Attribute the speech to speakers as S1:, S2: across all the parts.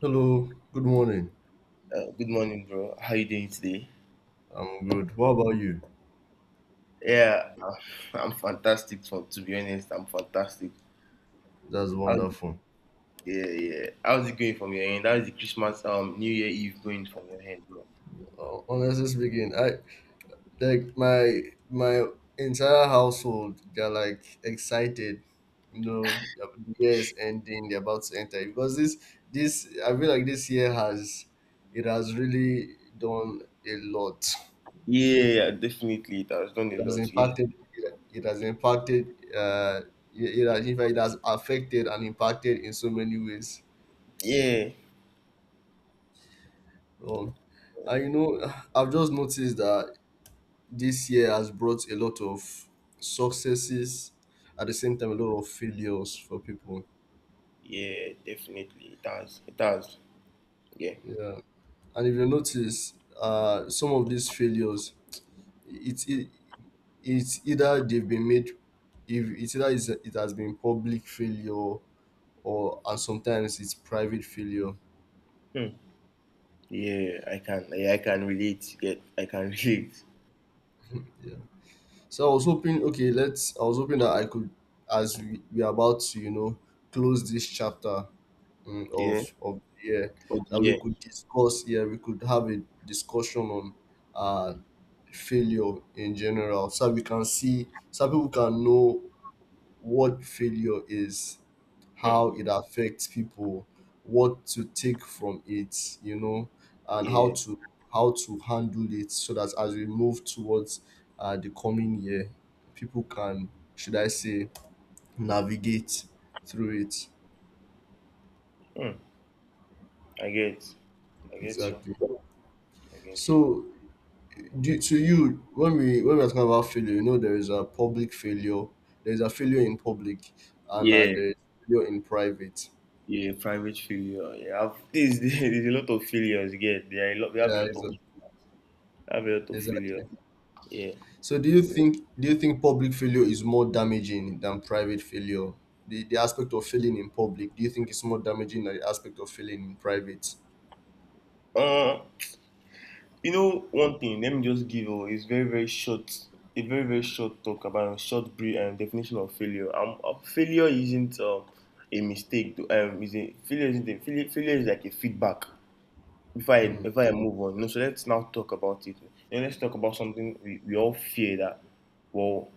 S1: Hello, good morning.
S2: Good morning, bro. How you doing today?
S1: I'm good. What about you?
S2: Yeah, I'm fantastic. To be honest, I'm fantastic.
S1: That's
S2: How's it,
S1: wonderful.
S2: yeah. How's it going from your end? How's the Christmas, New Year Eve going from your end, bro?
S1: Honestly speaking, I like my entire household. They're like excited. You know, the year is ending. They're about to enter because this, I feel like this year has it has really done a lot.
S2: Yeah, yeah, definitely. It has done
S1: It
S2: a
S1: has
S2: lot. Yeah,
S1: impacted. It has impacted. Uh, it has in fact it has affected and impacted in so many ways.
S2: yeah,
S1: Um, and you know, I've just noticed that this year has brought a lot of successes, at the same time, a lot of failures for people.
S2: yeah. Definitely, it has. It has. Yeah.
S1: Yeah, and if you notice, some of these failures, it's it, it's either they've been made, if it's either it's, it has been public failure or and sometimes it's private failure.
S2: Hmm. Yeah, I can relate. Yeah, I can relate.
S1: Yeah. So I was hoping, okay, let's. I was hoping that I could, as we are about to, you know, close this chapter
S2: Yeah.
S1: of the year
S2: But
S1: that we
S2: yeah.
S1: could discuss Yeah, we could have a discussion on uh, failure in general, so we can see, so people can know what failure is,
S2: Hmm.
S1: how it affects people, what to take from it, you know, and
S2: Yeah.
S1: how to handle it, so that as we move towards the coming year, people can, should I say, navigate through it.
S2: Hmm. I get. I get you.
S1: Exactly.
S2: I get
S1: So to you when we're talking about failure, you know, there is a public failure, there is a failure in public, and
S2: you.
S1: there is failure in private.
S2: Yeah, private failure. There's a lot of failures. Yeah, there are a lot. We have a
S1: yeah
S2: lot of
S1: exa-
S2: have a lot of failure.
S1: exactly.
S2: Yeah.
S1: So do you
S2: Yeah.
S1: think public failure is more damaging than private failure? The aspect of failing in public, do you think it's more damaging than the aspect of failing in private?
S2: Uh, you know one thing. Let me just give you. It's very very short. A very very short talk about a short brief definition of failure. Failure isn't a mistake. To, is a failure isn't a failure, Failure is like a feedback. before I
S1: Hmm.
S2: before I move on, you know, so let's now talk about it. You know, let's talk about something we all fear that, well,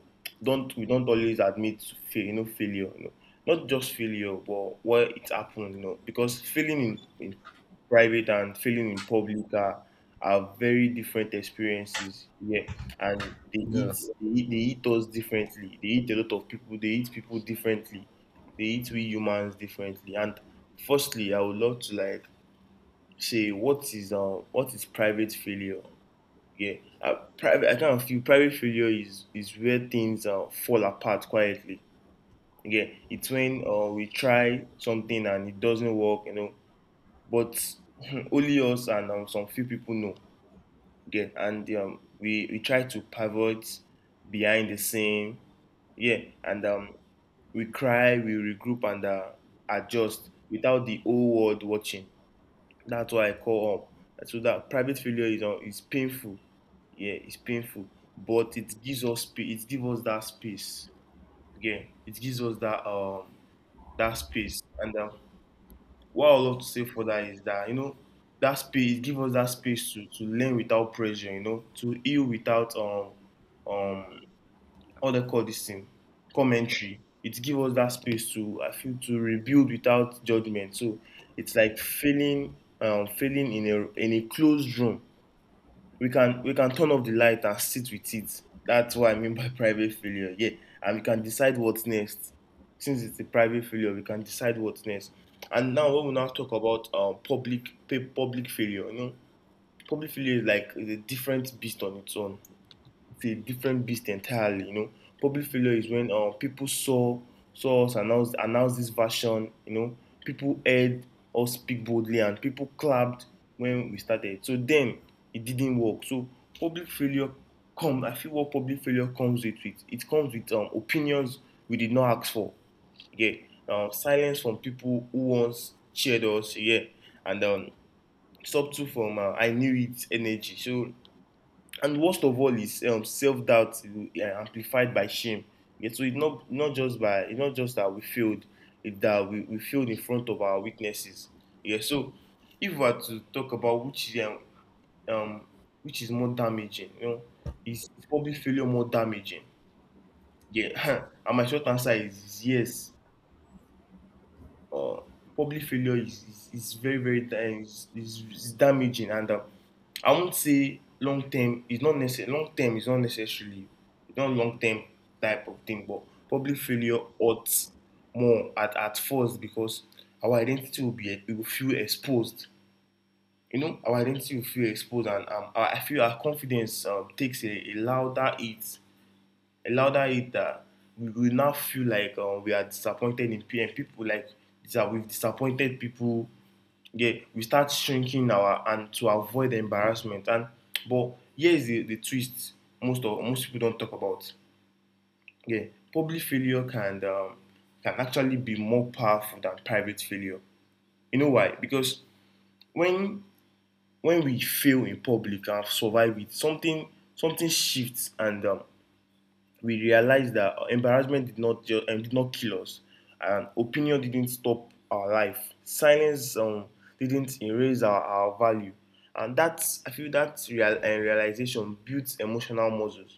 S2: don't we don't always admit to fail, you know, failure, you know. Not just failure, but where it happened, you know, because failing in private and failing in public are very different experiences. Yeah. And
S1: Yeah,
S2: they eat us differently. They eat people differently. They eat we humans differently. And firstly, I would love to like say what is private failure? Yeah, private. I kind of feel private failure is where things fall apart quietly. Yeah, it's when we try something and it doesn't work, you know. But only us and some few people know. Yeah, and um, we try to pivot behind the scene. Yeah, and we cry, we regroup and adjust without the whole world watching. That's why I call up. So that private failure is painful. Yeah, it's painful, but it gives us it gives us that space. Yeah, it gives us that that space. And what I would love to say for that is that, you know, that space, it gives us that space to learn without pressure. You know, to heal without um what do they call this thing — commentary. It gives us that space to, I feel, to rebuild without judgment. So it's like feeling feeling in a closed room. We can turn off the light and sit with it. That's what I mean by private failure. Yeah, and we can decide what's next. Since it's a private failure, we can decide what's next. And now when we now talk about public failure, you know, public failure is like a different beast on its own. It's a different beast entirely, you know. Public failure is when people saw saw us announce this version, you know, people heard us speak boldly and people clapped when we started. So then it didn't work. So public failure come I feel what public failure comes with it. It comes with opinions we did not ask for. Yeah. Silence from people who once cheered us, yeah. And subtle from I knew it energy. So, and worst of all is self-doubt amplified by shame. Yeah, so it's not just by it's not just that we failed, it's that we failed in front of our witnesses. Yeah. So if we are to talk about um which is more damaging, you know, is probably failure more damaging? Yeah. And my short answer is yes. uh, Public failure is very very is damaging. And I won't say long term. Is not necessary long term is not necessarily, it's not long term type of thing. But public failure hurts more at first because our identity will be we will feel exposed. You know, our identity will feel exposed. And I feel our confidence takes a louder hit, a louder hater. We will now feel like we are disappointed in people, and people like that we've disappointed people. Yeah, we start shrinking our and to avoid the embarrassment. And but here's the twist: most of most people don't talk about. Yeah, public failure can actually be more powerful than private failure. You know why? Because when when we fail in public and survive it, something shifts. And we realized that embarrassment did not ju- did not kill us, and opinion didn't stop our life. Silence didn't erase our value. And that's, I feel, that real, realization builds emotional muscles.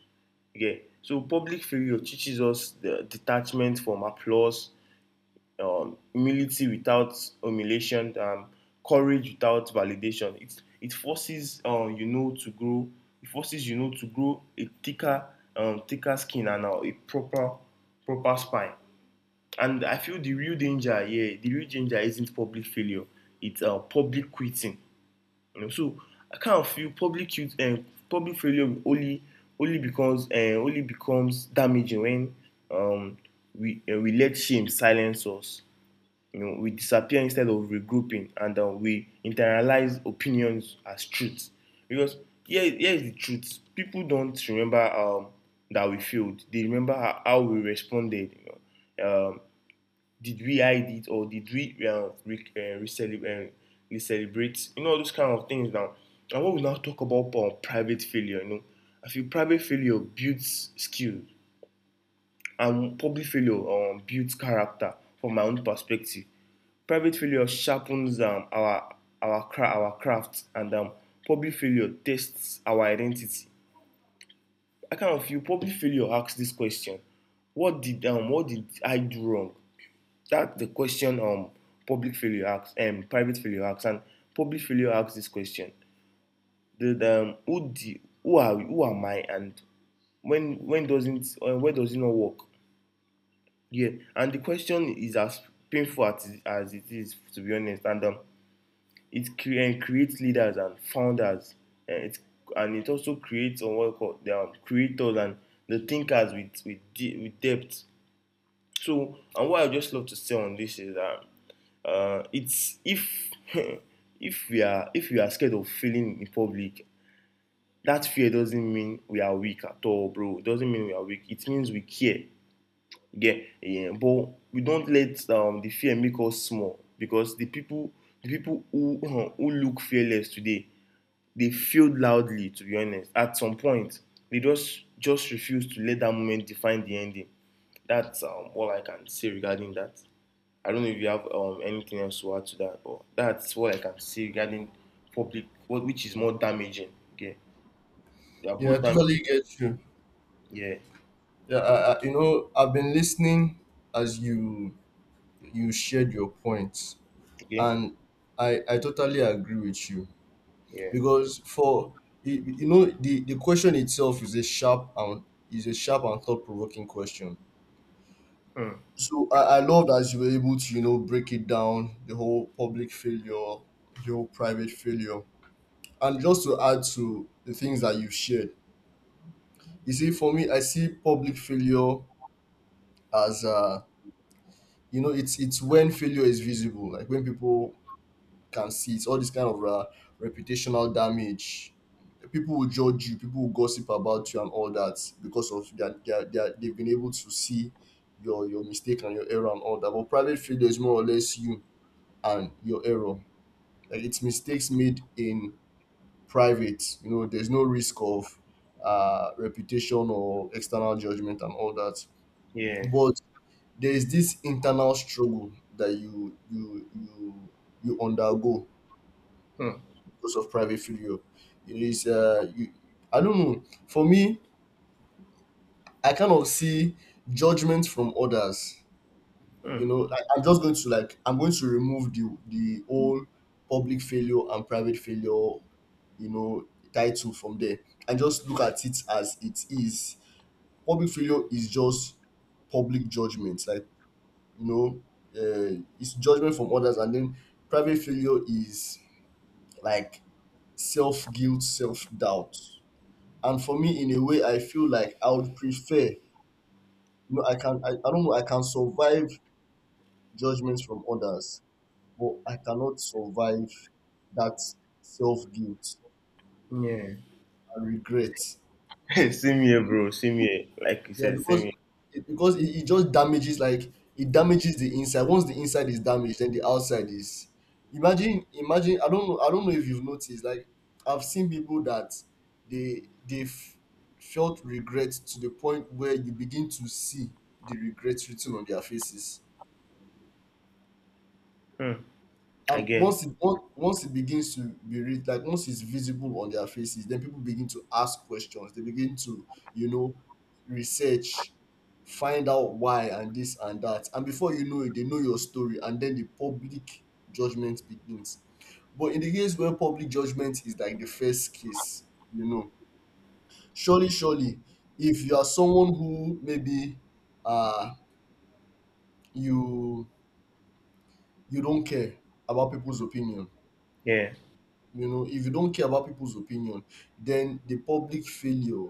S2: Okay, so public failure teaches us the detachment from applause, humility without humiliation, courage without validation. It forces you know to grow. It forces you know to grow a thicker, thicker skin and a proper, proper spine. And I feel the real danger here, the real danger isn't public failure. It's public quitting. You know, so I kind of feel public failure only becomes damaging when um, we let shame silence us. You know, we disappear instead of regrouping. And we internalize opinions as truth. Because here, here is the truth: people don't remember that we failed, they remember how we responded, you know. Did we hide it or did we recelebrate, you know, those kind of things. Now and what we now talk about private failure, you know, I feel private failure builds skill and public failure builds character. From my own perspective, private failure sharpens our our craft. And public failure tests our identity. I kind of feel public failure asks this question: what did I do wrong? That's the question public failure asks. And private failure asks, and public failure asks this question: the, who the who are we, who am I, and when doesn't where does it not work? Yeah. And the question is, as painful as it is, to be honest. And it creates leaders and founders. And it, and it also creates on what you call the creators and the thinkers with with depth. So, and what I just love to say on this is that it's if if we are — if we are scared of failing in public, that fear doesn't mean we are weak at all, bro. It doesn't mean we are weak. It means we care. Yeah, yeah. But we don't let the fear make us small, because the people, the people who who look fearless today, they failed loudly to be honest at some point. They just refused to let that moment define the ending. That's all I can say regarding that. I don't know if you have anything else to add to that, but that's what I can say regarding public — what which is more damaging. Okay, they are
S1: yeah, I
S2: both
S1: totally
S2: damaging.
S1: get you.
S2: Yeah.
S1: Yeah, you know, I've been listening as you you shared your points,
S2: Okay.
S1: and I totally agree with you
S2: Yeah.
S1: because for you, you know, the question itself is a sharp and is a sharp and thought-provoking question.
S2: Hmm.
S1: So I love that you were able to, you know, break it down, the whole public failure, the whole private failure. And just to add to the things that you've shared, you see, for me, I see public failure as you know, it's when failure is visible, like when people can see. It's all this kind of reputational damage. People will judge you, people will gossip about you and all that because of that they've been able to see your mistake and your error and all that. But private failure is more or less you and your error. Like it's mistakes made in private. You know, there's no risk of reputation or external judgment and all that.
S2: Yeah.
S1: But there is this internal struggle that you you undergo
S2: Hmm.
S1: because of private figure. It is, you, I don't know. For me, I kind of see judgment from others. You
S2: Hmm.
S1: know, like, I'm just going to like I'm going to remove the whole public failure and private failure, you know, title from there, and just look at it as it is. Public failure is just public judgment, like, you know, it's judgment from others, and then private failure is like self guilt, self doubt. And for me, in a way, I feel like I would prefer, you know, I don't know, I can survive judgments from others, but I cannot survive that self guilt
S2: Yeah.
S1: and regret.
S2: Same here, bro, same here. Like you
S1: Yeah,
S2: said,
S1: because
S2: same
S1: because it just damages, like it damages the inside. Once the inside is damaged, then the outside is. Imagine. I don't know. I don't know if you've noticed. Like I've seen people that they've felt regret to the point where you begin to see the regrets written on their faces.
S2: here. Hmm. I.
S1: And once once it begins to be read, like once it's visible on their faces, then people begin to ask questions. They begin to, you know, research, find out why and this and that. And before you know it, they know your story, and then the public judgment begins. But in the case where public judgment is like the first case, you know, surely, if you are someone who maybe uh you you don't care about people's opinion,
S2: Yeah.
S1: you know, if you don't care about people's opinion, then the public failure,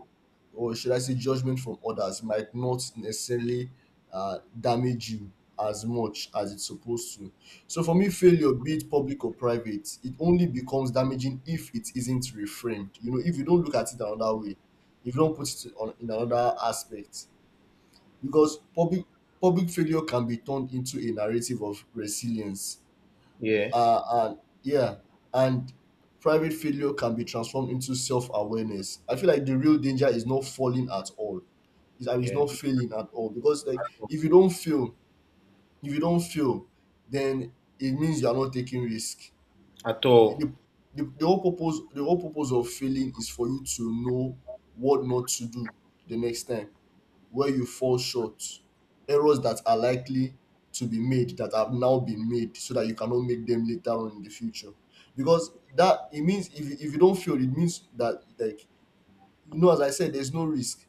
S1: or should I say judgment from others, might not necessarily damage you as much as it's supposed to. So for me, failure, be it public or private, it only becomes damaging if it isn't reframed. You know, if you don't look at it another way, if you don't put it on in another aspect. Because public failure can be turned into a narrative of resilience,
S2: Yeah.
S1: and yeah, and private failure can be transformed into self-awareness. I feel like the real danger is not falling at all. It's, I mean, it's
S2: Yeah.
S1: not failing at all, because like if you don't fail, then it means you are not taking risk.
S2: At all.
S1: The, the whole purpose of failing is for you to know what not to do the next time, where you fall short, errors that are likely to be made that have now been made so that you cannot make them later on in the future. Because that it means if if you don't fail, it means that like, you know, as I said, there's no risk.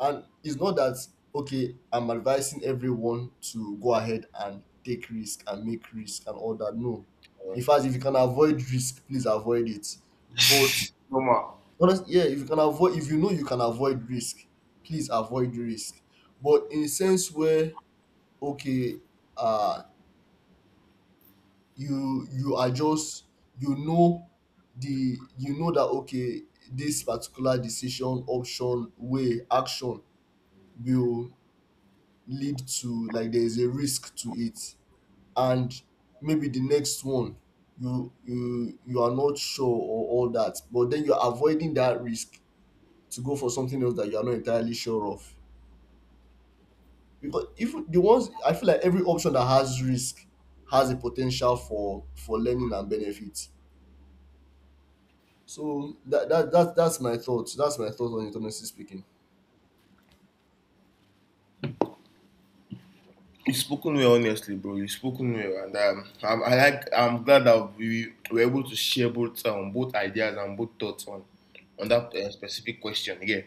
S1: And it's not that okay, I'm advising everyone to go ahead and take risk and make risk and all that. No,
S2: Yeah.
S1: in fact, if you can avoid risk, please avoid it. But
S2: Normal.
S1: honestly, yeah, if you can avoid, if you know you can avoid risk, please avoid risk. But in a sense where okay, uh, you you are just, you know, the you know that okay, this particular decision, option, way, action will lead to, like there is a risk to it, and maybe the next one you are not sure or all that, but then you're avoiding that risk to go for something else that you are not entirely sure of. Because if the ones I feel like every option that has risk has a potential for learning and benefit. So that's my thoughts. That's my thought on it, honestly speaking.
S2: You've spoken well, honestly, bro. You've spoken well, and I like — I'm glad that we were able to share both both ideas and both thoughts on that specific question. Yeah.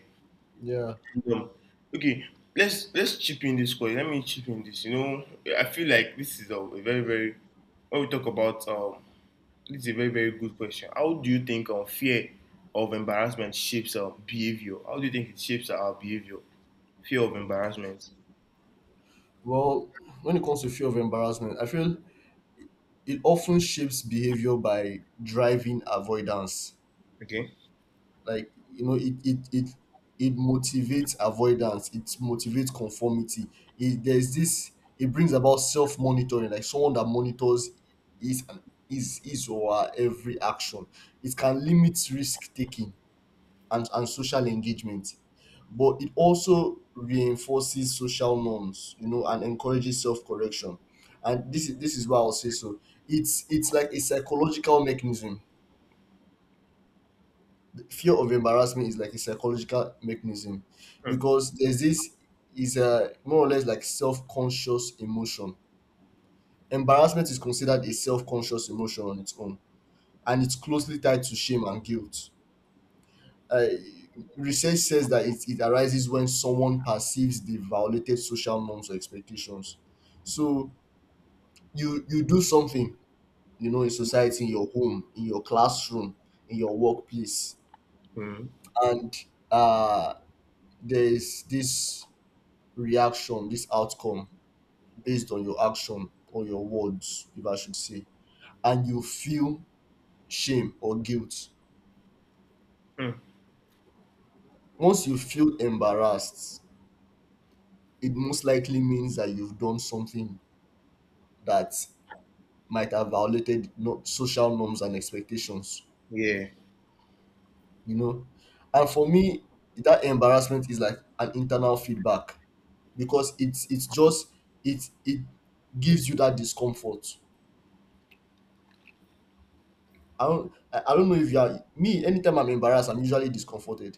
S1: Yeah.
S2: Um, okay. Let's chip in this question. Let me chip in this. You know, I feel like this is a very very — when we talk about this is a very very good question. How do you think fear of embarrassment shapes our behavior? How do you think it shapes our behavior? Fear of embarrassment.
S1: Well, when it comes to fear of embarrassment, I feel it often shapes behavior by driving avoidance.
S2: Okay.
S1: Like, you know, it motivates avoidance, it motivates conformity. It there's this It brings about self-monitoring, like someone that monitors his and his or her every action. It can limit risk taking and social engagement, but it also reinforces social norms, you know, and encourages self-correction. And this is why I'll say, so it's like a psychological mechanism. Fear of embarrassment is like a psychological mechanism,
S2: Mm,
S1: because there's this is a more or less like self-conscious emotion. Embarrassment is considered a self-conscious emotion on its own, and it's closely tied to shame and guilt. uh, Research says that it arises when someone perceives they violated social norms or expectations. So you do something, you know, in society, in your home, in your classroom, in your workplace,
S2: mm,
S1: and uh there's this reaction, this outcome, based on your action or your words, if I should say. And you feel shame or guilt.
S2: mm.
S1: Once you feel embarrassed, it most likely means that you've done something that might have violated social norms and expectations.
S2: Yeah.
S1: You know, and for me, that embarrassment is like an internal feedback, because it's just it it gives you that discomfort. I don't know if you are me, anytime I'm embarrassed, I'm usually discomforted.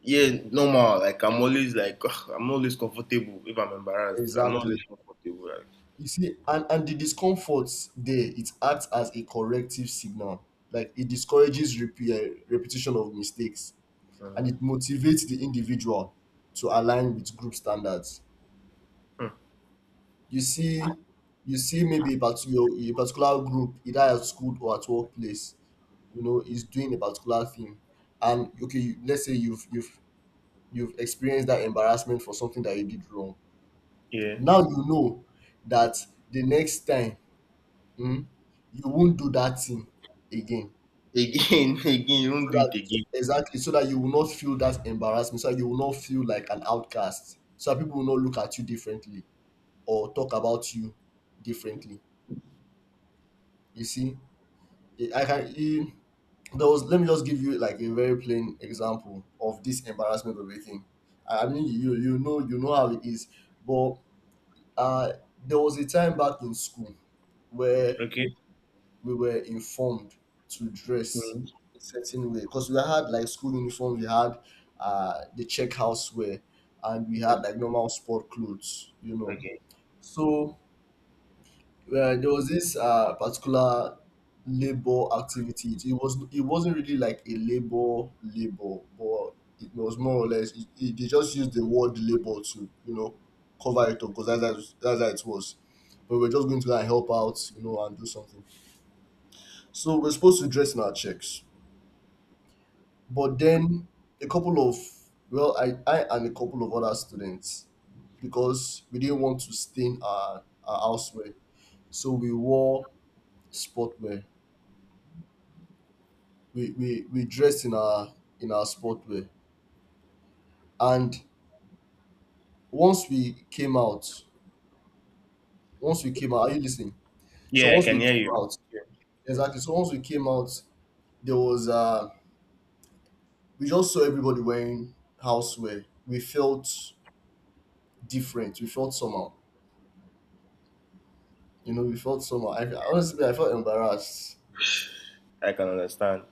S2: Yeah, normal. Like I'm always like I'm always comfortable if I'm embarrassed. I'm not
S1: Exactly.
S2: always comfortable. Like,
S1: You see, and the discomfort there, it acts as a corrective signal. Like it discourages repetition of mistakes, and
S2: uh,
S1: it motivates the individual to align with group standards.
S2: hmm,
S1: You see, you see maybe a particular group, either at school or at workplace, you know, is doing a particular thing. And okay, you, let's say you've experienced that embarrassment for something that you did wrong.
S2: yeah.
S1: Now you know that the next time um, you won't do that thing again.
S2: Again, again, you
S1: So
S2: don't do it
S1: that
S2: again.
S1: exactly, so that you will not feel that embarrassment, so that you will not feel like an outcast, so that people will not look at you differently or talk about you differently. You see, eh, i can eh, there was, let me just give you like a very plain example of this embarrassment of a thing. I mean, you know how it is, but uh there was a time back in school where
S2: Okay.
S1: we were informed to dress
S2: Hmm.
S1: a certain way because we had like school uniform, we had the check house wear, and we had like normal sport clothes, you know.
S2: Okay.
S1: So there was this particular labor activity. It wasn't really like a labor labor, but it was more or less they just used the word labor to, you know, cover it up, because that's how it was. But we were just going to like help out, you know, and do something. So we're supposed to dress in our checks. But then a couple of, well, I and a couple of other students, because we didn't want to stain our houseware. So we wore sportwear. We dressed in our sportwear. And once we came out, once we came out, are you listening? So
S2: Yeah, I
S1: once we
S2: can hear
S1: came
S2: you.
S1: out,
S2: Yeah. Yeah.
S1: exactly. So once we came out, there was we just saw everybody wearing houseware. We felt different. We felt somehow. You know, we felt somehow. I honestly, I felt embarrassed.
S2: I can understand.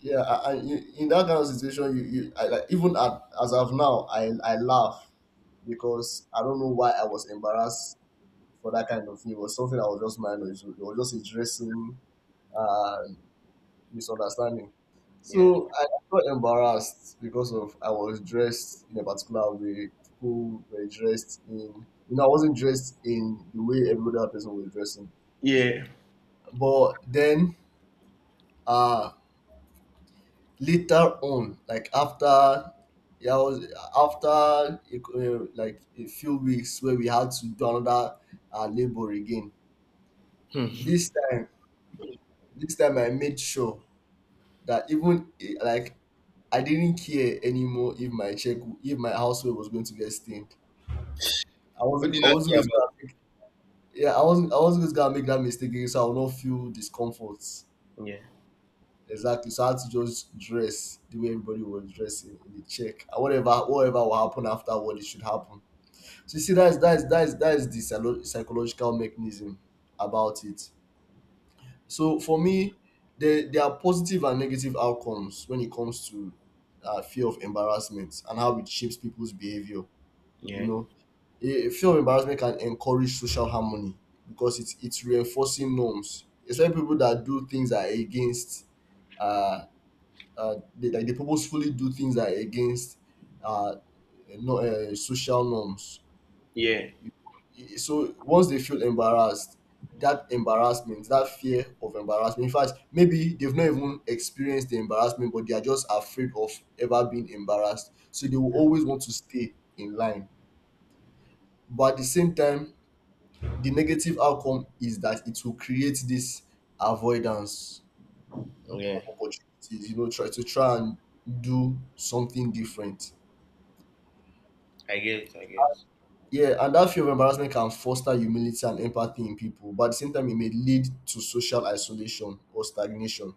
S1: Yeah, I in that kind of situation, you, you like even at, as of now, I laugh because I don't know why I was embarrassed for that kind of thing. It was something I was just minor. It was just a dressing uh, misunderstanding.
S2: Yeah.
S1: So I felt embarrassed because of I was dressed in a particular way. People were dressed in, you know, I wasn't dressed in the way every other person was dressing.
S2: Yeah.
S1: But then uh later on, like after, yeah, I was after a like a few weeks where we had to do another labor again. This time, this time I made sure that even like I didn't care anymore if my check, if my household was going to get stained.
S2: What do you
S1: I
S2: not
S1: wasn't
S2: care
S1: going to
S2: about?
S1: go and make, yeah, I wasn't going to go and make that mistake again, so I will not feel discomfort.
S2: Yeah.
S1: Exactly, so I had to just dress the way everybody was dressing in the check, and whatever whatever will happen afterward, it should happen. So you see, that's the psychological mechanism about it. So for me, there are positive and negative outcomes when it comes to fear of embarrassment and how it shapes people's behavior. You
S2: Yeah.
S1: know, fear of embarrassment can encourage social harmony because it's reinforcing norms, especially people that do things that are against. Uh, they, like they purposefully do things that are against uh, no, social norms.
S2: Yeah.
S1: So once they feel embarrassed, that embarrassment, that fear of embarrassment, in fact, maybe they've not even experienced the embarrassment, but they are just afraid of ever being embarrassed. So they will always want to stay in line. But at the same time, the negative outcome is that it will create this avoidance
S2: Yeah.
S1: of opportunities, you know, try to try and do something different.
S2: I guess. I guess.
S1: Yeah, and that fear of embarrassment can foster humility and empathy in people, but at the same time, it may lead to social isolation or stagnation.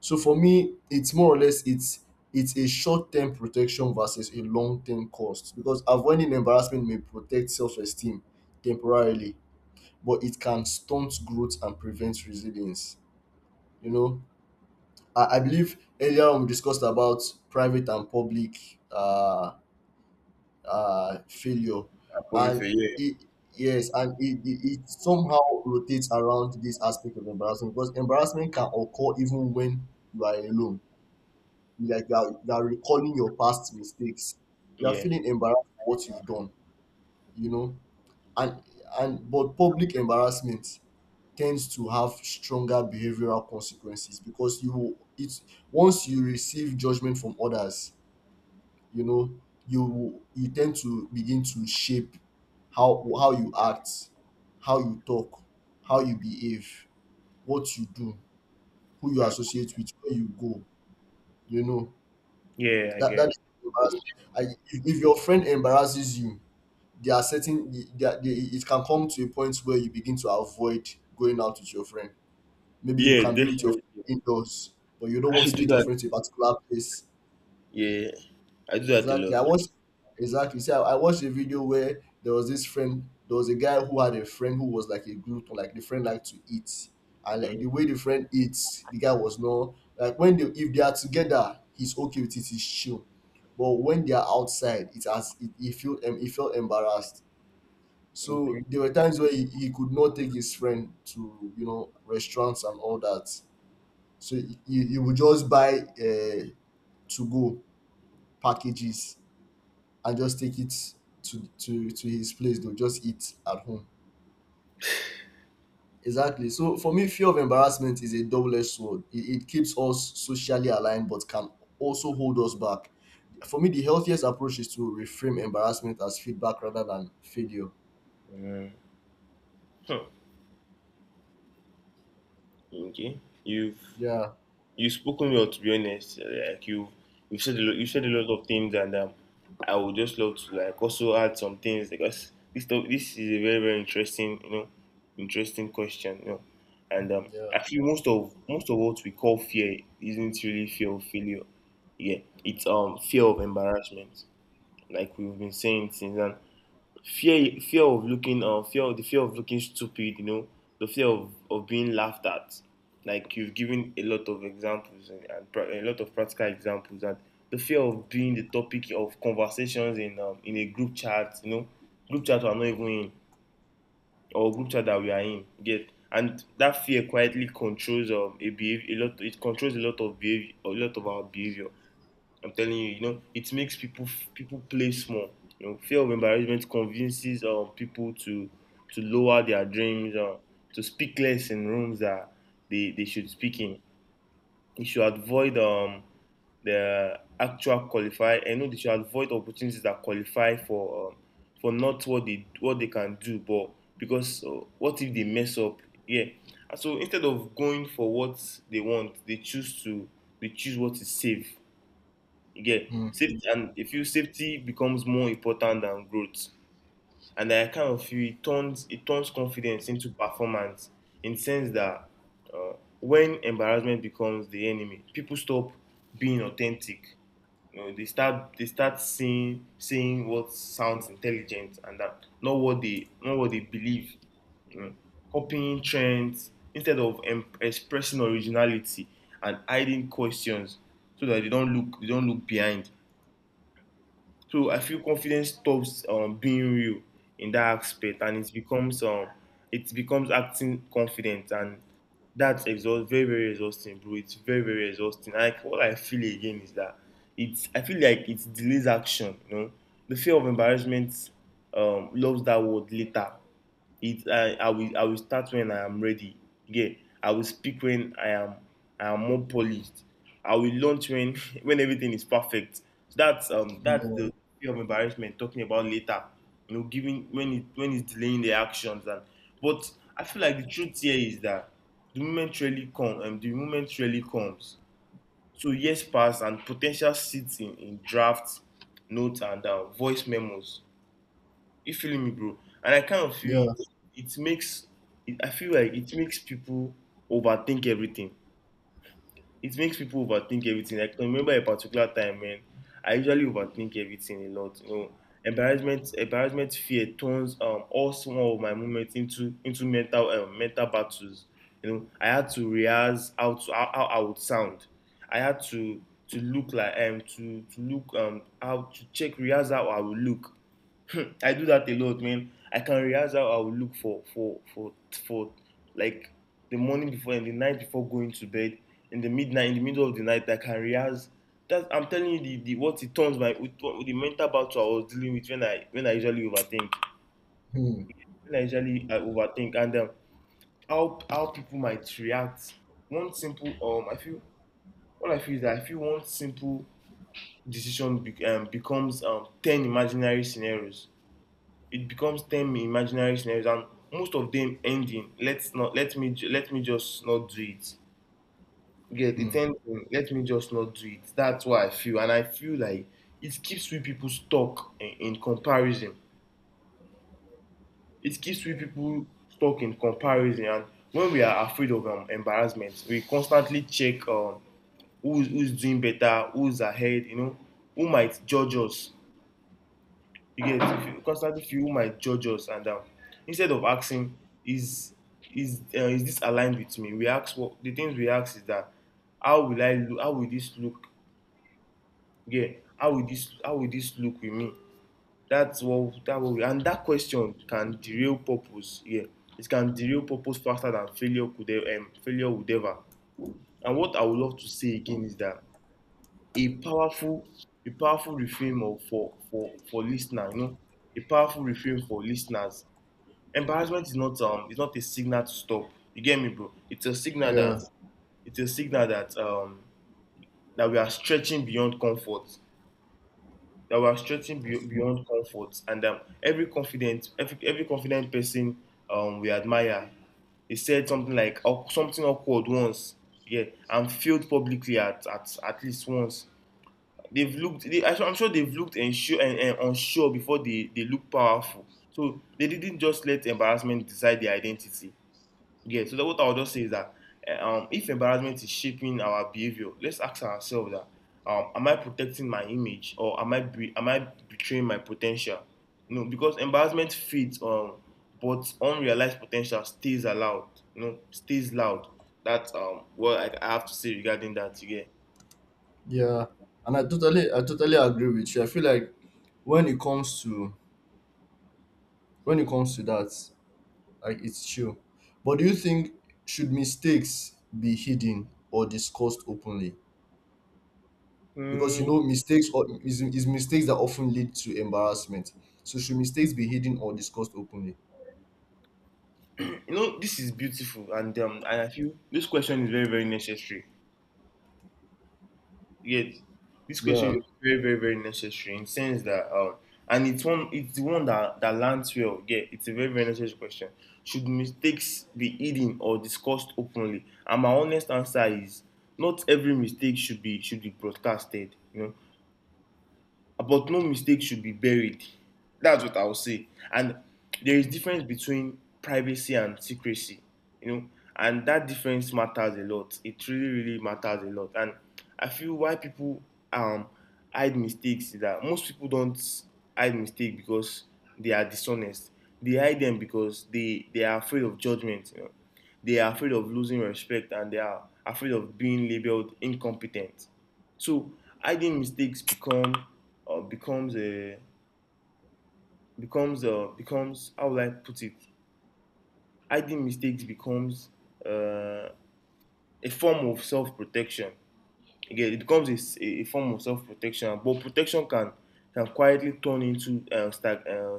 S1: So for me, it's more or less it's a short-term protection versus a long-term cost, because avoiding embarrassment may protect self-esteem temporarily, but it can stunt growth and prevent resilience. You know, I believe earlier on we discussed about private and public failure.
S2: I probably
S1: And
S2: say yeah.
S1: it, yes, and it somehow rotates around this aspect of embarrassment, because embarrassment can occur even when you are alone. You Like you are recalling your past mistakes, you are
S2: Yeah.
S1: feeling embarrassed for what you've done, you know. And and but public embarrassment tends to have stronger behavioral consequences because you it's once you receive judgment from others, you know, you tend to begin to shape how you act, how you talk, how you behave, what you do, who you
S2: Hmm.
S1: associate with, where you go, you know,
S2: Yeah, I
S1: that
S2: guess.
S1: that's embarrassing. I, if your friend embarrasses you, it can come to a point where you begin to avoid going out with your friend. Maybe you
S2: Yeah,
S1: can be with your
S2: definitely.
S1: friend indoors, but you don't want
S2: I
S1: to
S2: do
S1: take your
S2: that.
S1: friend to a particular place.
S2: Yeah. I do that a
S1: Exactly.
S2: lot.
S1: I watched exactly. See, I watched a video where there was this friend. There was a guy who had a friend who was like a glutton. Like the friend liked to eat, and like
S2: Mm.
S1: the way the friend eats, the guy was not like when they, if they are together, he's okay with it. He's chill, but when they are outside, he he felt embarrassed. So
S2: Okay.
S1: there were times where he could not take his friend to, you know, restaurants and all that. So he would just buy to go packages and just take it to his place, they'll just eat at home. Exactly, so for me, fear of embarrassment is a double-edged sword. It keeps us socially aligned but can also hold us back. For me, the healthiest approach is to reframe embarrassment as feedback rather than failure.
S2: Mm. Hmm. Okay. You've
S1: Yeah.
S2: you've spoken well, to be honest. Like you you've said a lot, you said a lot of things, and I would just love to like also add some things because this is a very very interesting interesting question. And
S1: Yeah.
S2: I feel most of what we call fear isn't really fear of failure. Yeah, it's fear of embarrassment, like we've been saying since then. Fear of looking fear of looking stupid, the fear of being laughed at, like you've given a lot of examples, and a lot of practical examples, and the fear of being the topic of conversations in a group chat, group chat we're not even in, or group chat that we are in get, and that fear quietly controls a behavior a lot it controls a lot of behavior, a lot of our behavior. I'm telling you, you know, it makes people play small. You know, fear of embarrassment convinces people to lower their dreams, to speak less in rooms that they should speak in. They should avoid the actual qualify. I know they should avoid opportunities that qualify for not what they can do, but because what if they mess up? Yeah. And so instead of going for what they want, they choose what is safe. Yeah,
S1: Mm.
S2: safety and if you safety becomes more important than growth, and I kind of feel it turns confidence into performance in the sense that uh, when embarrassment becomes the enemy, people stop being authentic. You know, they start seeing saying what sounds intelligent, and that not what they not what they believe. You know, copying trends instead of expressing originality, and hiding questions so that they don't look behind. So I feel confidence stops being real in that aspect, and it becomes acting confident, and that's exhaust very very exhausting, bro. It's very very exhausting. Like what I feel again is that it's I feel like it delays action. You know, the fear of embarrassment loves that word later. It I will start when I am ready. Yeah, I will speak when I am more polished. I will launch when when everything is perfect. So that's
S1: Yeah.
S2: the fear of embarrassment talking about later. You know, giving when it's delaying the actions. And but I feel like the truth here is that the moment really comes. So years pass and potential sits in drafts, notes and voice memos. You feeling me, bro? And I kind of feel
S1: Yeah.
S2: It makes. I feel like it makes people overthink everything. It makes people overthink everything. Like, I can remember a particular time when I usually overthink everything a lot. You know, fear turns all small of my moments into mental mental battles. You know, I had to rehearse how I would sound. I had to look like to look how to check rehearse how I would look. I do that a lot, man. I can realize how I will look for like the morning before and the night before going to bed. In the midnight, in the middle of the night, I can realize. That's I'm telling you the what it turns my with, what- with the mental battle I was dealing with when I usually overthink.
S1: Mm.
S2: When I overthink, and how people might react. One simple I feel what I feel is that I feel one simple decision becomes ten imaginary scenarios. It becomes 10 imaginary scenarios, and most of them end in let's not let me just not do it. Get it
S1: Mm.
S2: ends in let me just not do it. That's what I feel. And I feel like it keeps we people stuck in comparison. It keeps we people stuck in comparison. And when we are afraid of embarrassment, we constantly check who's doing better, who's ahead, you know, who might judge us. You get you constantly feel might judge us. And instead of asking is is this aligned with me? We ask what the things we ask is that how will I look? How will this look? Yeah, how will this look with me? That's what that what we, And that question can derail purpose. Yeah, it can derail purpose faster than failure failure would ever. And what I would love to say again is that a powerful a powerful reframe of for listener, you know, a powerful reframe for listeners. Embarrassment is not it's not a signal to stop. You get me, bro?
S1: Yeah,
S2: It's a signal that that we are stretching beyond comfort. That we are stretching be-
S1: that's true.
S2: Beyond comfort, and every confident person we admire, he said something like something awkward once, yeah, and failed publicly at least once. I'm sure they've looked unsure, and unsure before they look powerful. So they didn't just let embarrassment decide their identity. Yeah, so that what I would just say is that if embarrassment is shaping our behavior, let's ask ourselves that am I protecting my image, or am I betraying my potential? No, because embarrassment fades, but unrealized potential stays allowed. You know, stays loud. That's what I have to say regarding that. Again,
S1: Yeah, and I totally agree with you. I feel like when it comes to when it comes to that, like it's true. But do you think, should mistakes be hidden or discussed openly? Because you
S2: mm,
S1: know mistakes or is mistakes that often lead to embarrassment. So should mistakes be hidden or discussed openly?
S2: you know, this is beautiful, and I feel this question is very very necessary. Yet, this question
S1: Yeah.
S2: is very, very, very necessary in sense that, and it's it's the one that that lands well. Yeah, it's a very, very necessary question. Should mistakes be hidden or discussed openly? And my honest answer is, not every mistake should be broadcasted. You know, but no mistake should be buried. That's what I'll say. And there is difference between privacy and secrecy, you know, and that difference matters a lot. It really, really matters a lot. And I feel why people um hide mistakes is that most people don't hide mistakes because they are dishonest. They hide them because they are afraid of judgment. You know, they are afraid of losing respect, and they are afraid of being labeled incompetent. So hiding mistakes become uh, becomes uh, becomes how would I put it? Hiding mistakes becomes uh, a form of self-protection. Again, it becomes a form of self-protection, but protection can quietly turn into uh, stag, uh,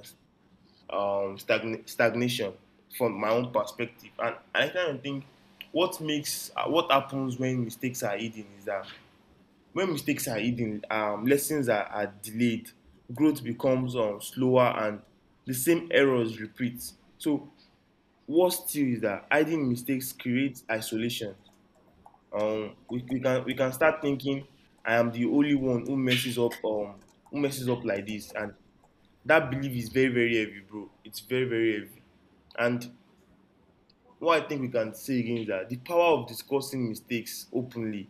S2: um, stagn- stagnation from my own perspective. And I kind of think what happens when mistakes are hidden is that when mistakes are hidden, lessons are delayed, growth becomes slower, and the same errors repeat. So, worse still is that hiding mistakes creates isolation. We can start thinking, I am the only one who messes up like this, and that belief is very very heavy, bro. It's very very heavy. And what I think we can say again is that the power of discussing mistakes openly.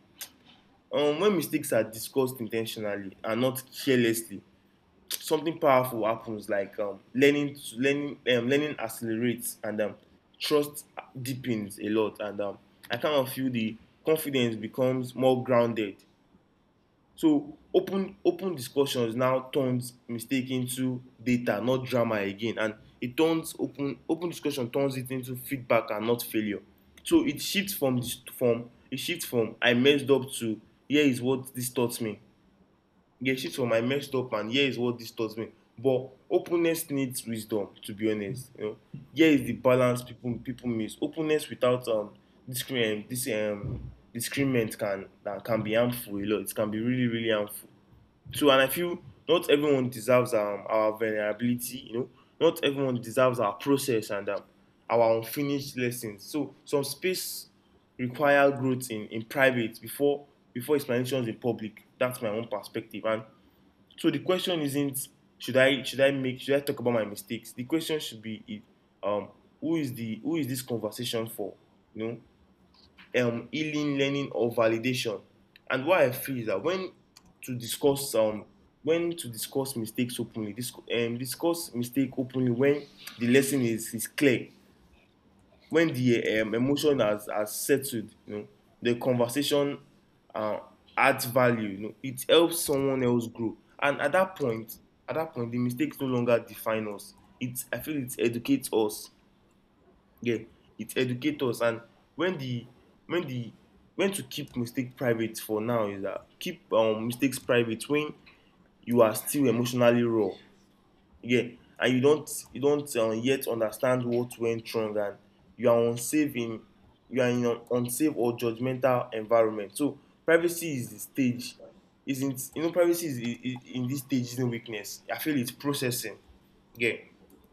S2: When mistakes are discussed intentionally and not carelessly, something powerful happens like learning accelerates, and trust deepens a lot, and I kind of feel the confidence becomes more grounded. So open discussions now turns mistake into data, not drama again, and it turns open discussion turns it into feedback and not failure. So it shifts from I messed up to here is what this taught me. Yeah, shit for my messed up and here is what this taught me. But openness needs wisdom, to be honest. You know, here is the balance people miss. Openness without discrimination, this discriminant can that can be harmful a lot. It can be really really harmful. So and I feel not everyone deserves our vulnerability. You know, not everyone deserves our process, and our unfinished lessons. So some space require growth in private before explanations in public. That's my own perspective. And so the question isn't should I talk about my mistakes? The question should be um who is this conversation for? You know, um, healing, learning, or validation. And what I feel is that to discuss um when to discuss mistakes openly, discuss mistake openly when the lesson is clear, when the emotion has settled, you know, the conversation uh, adds value, you know, it helps someone else grow, and at that point, at that point the mistakes no longer define us, it I feel it educates us. Yeah, it educates us. And when the when the when to keep mistakes private for now is that keep mistakes private when you are still emotionally raw. Yeah, and you don't yet understand what went wrong, and you are unsafe in you are in an unsafe or judgmental environment. So privacy is the stage privacy is in this stage isn't weakness, I feel it's processing. Yeah,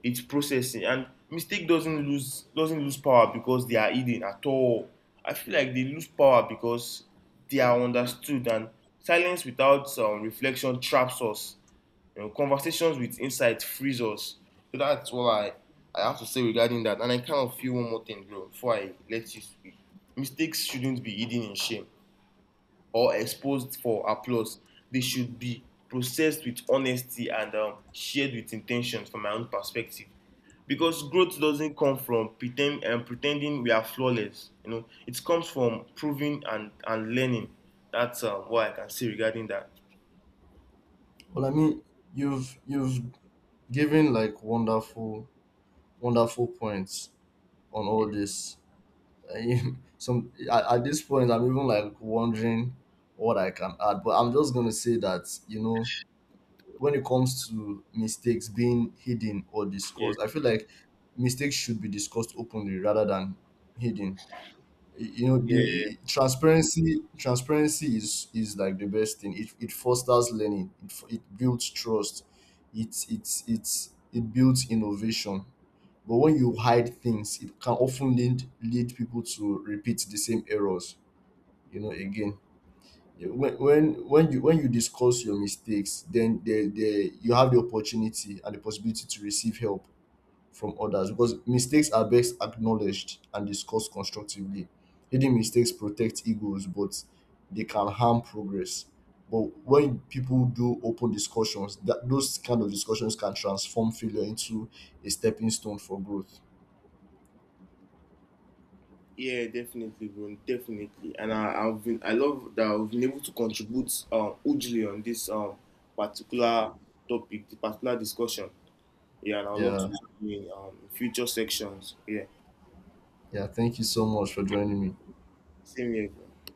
S2: it's processing. And mistake doesn't lose power because they are hidden at all. I feel like they lose power because they are understood. And silence without reflection traps us. You know, conversations with insight frees us. So that's all I have to say regarding that. And I kind of feel one more thing, bro, before I let you speak. Mistakes shouldn't be hidden in shame or exposed for applause. They should be processed with honesty, and shared with intentions from my own perspective. Because growth doesn't come from pretending we are flawless. You know, it comes from proving, and learning. That's what I can say regarding that.
S1: Well, I mean, you've given like wonderful wonderful points on
S2: Yeah,
S1: all this. I- Some at this point, I'm even like wondering what I can add. But I'm just gonna say that, you know, when it comes to mistakes being hidden or
S2: yeah,
S1: discussed, I feel like mistakes should be discussed openly rather than hidden. You know,
S2: yeah.
S1: the transparency is like the best thing. It fosters learning. It it builds trust. It's it builds innovation. But when you hide things, it can often lead people to repeat the same errors. You know, again, when you discuss your mistakes, then there you have the opportunity and the possibility to receive help from others, because mistakes are best acknowledged and discussed constructively. Hidden mistakes protect egos, but they can harm progress. But when people do open discussions, that those kind of discussions can transform failure into a stepping stone for growth.
S2: Yeah, definitely, bro. Definitely. And I've been, I love that I've been able to contribute hugely on this particular topic, the particular discussion. Yeah, and I would love to
S1: Yeah.
S2: do it in future sections. Yeah.
S1: Yeah, thank you so much for joining me.
S2: Same here, bro.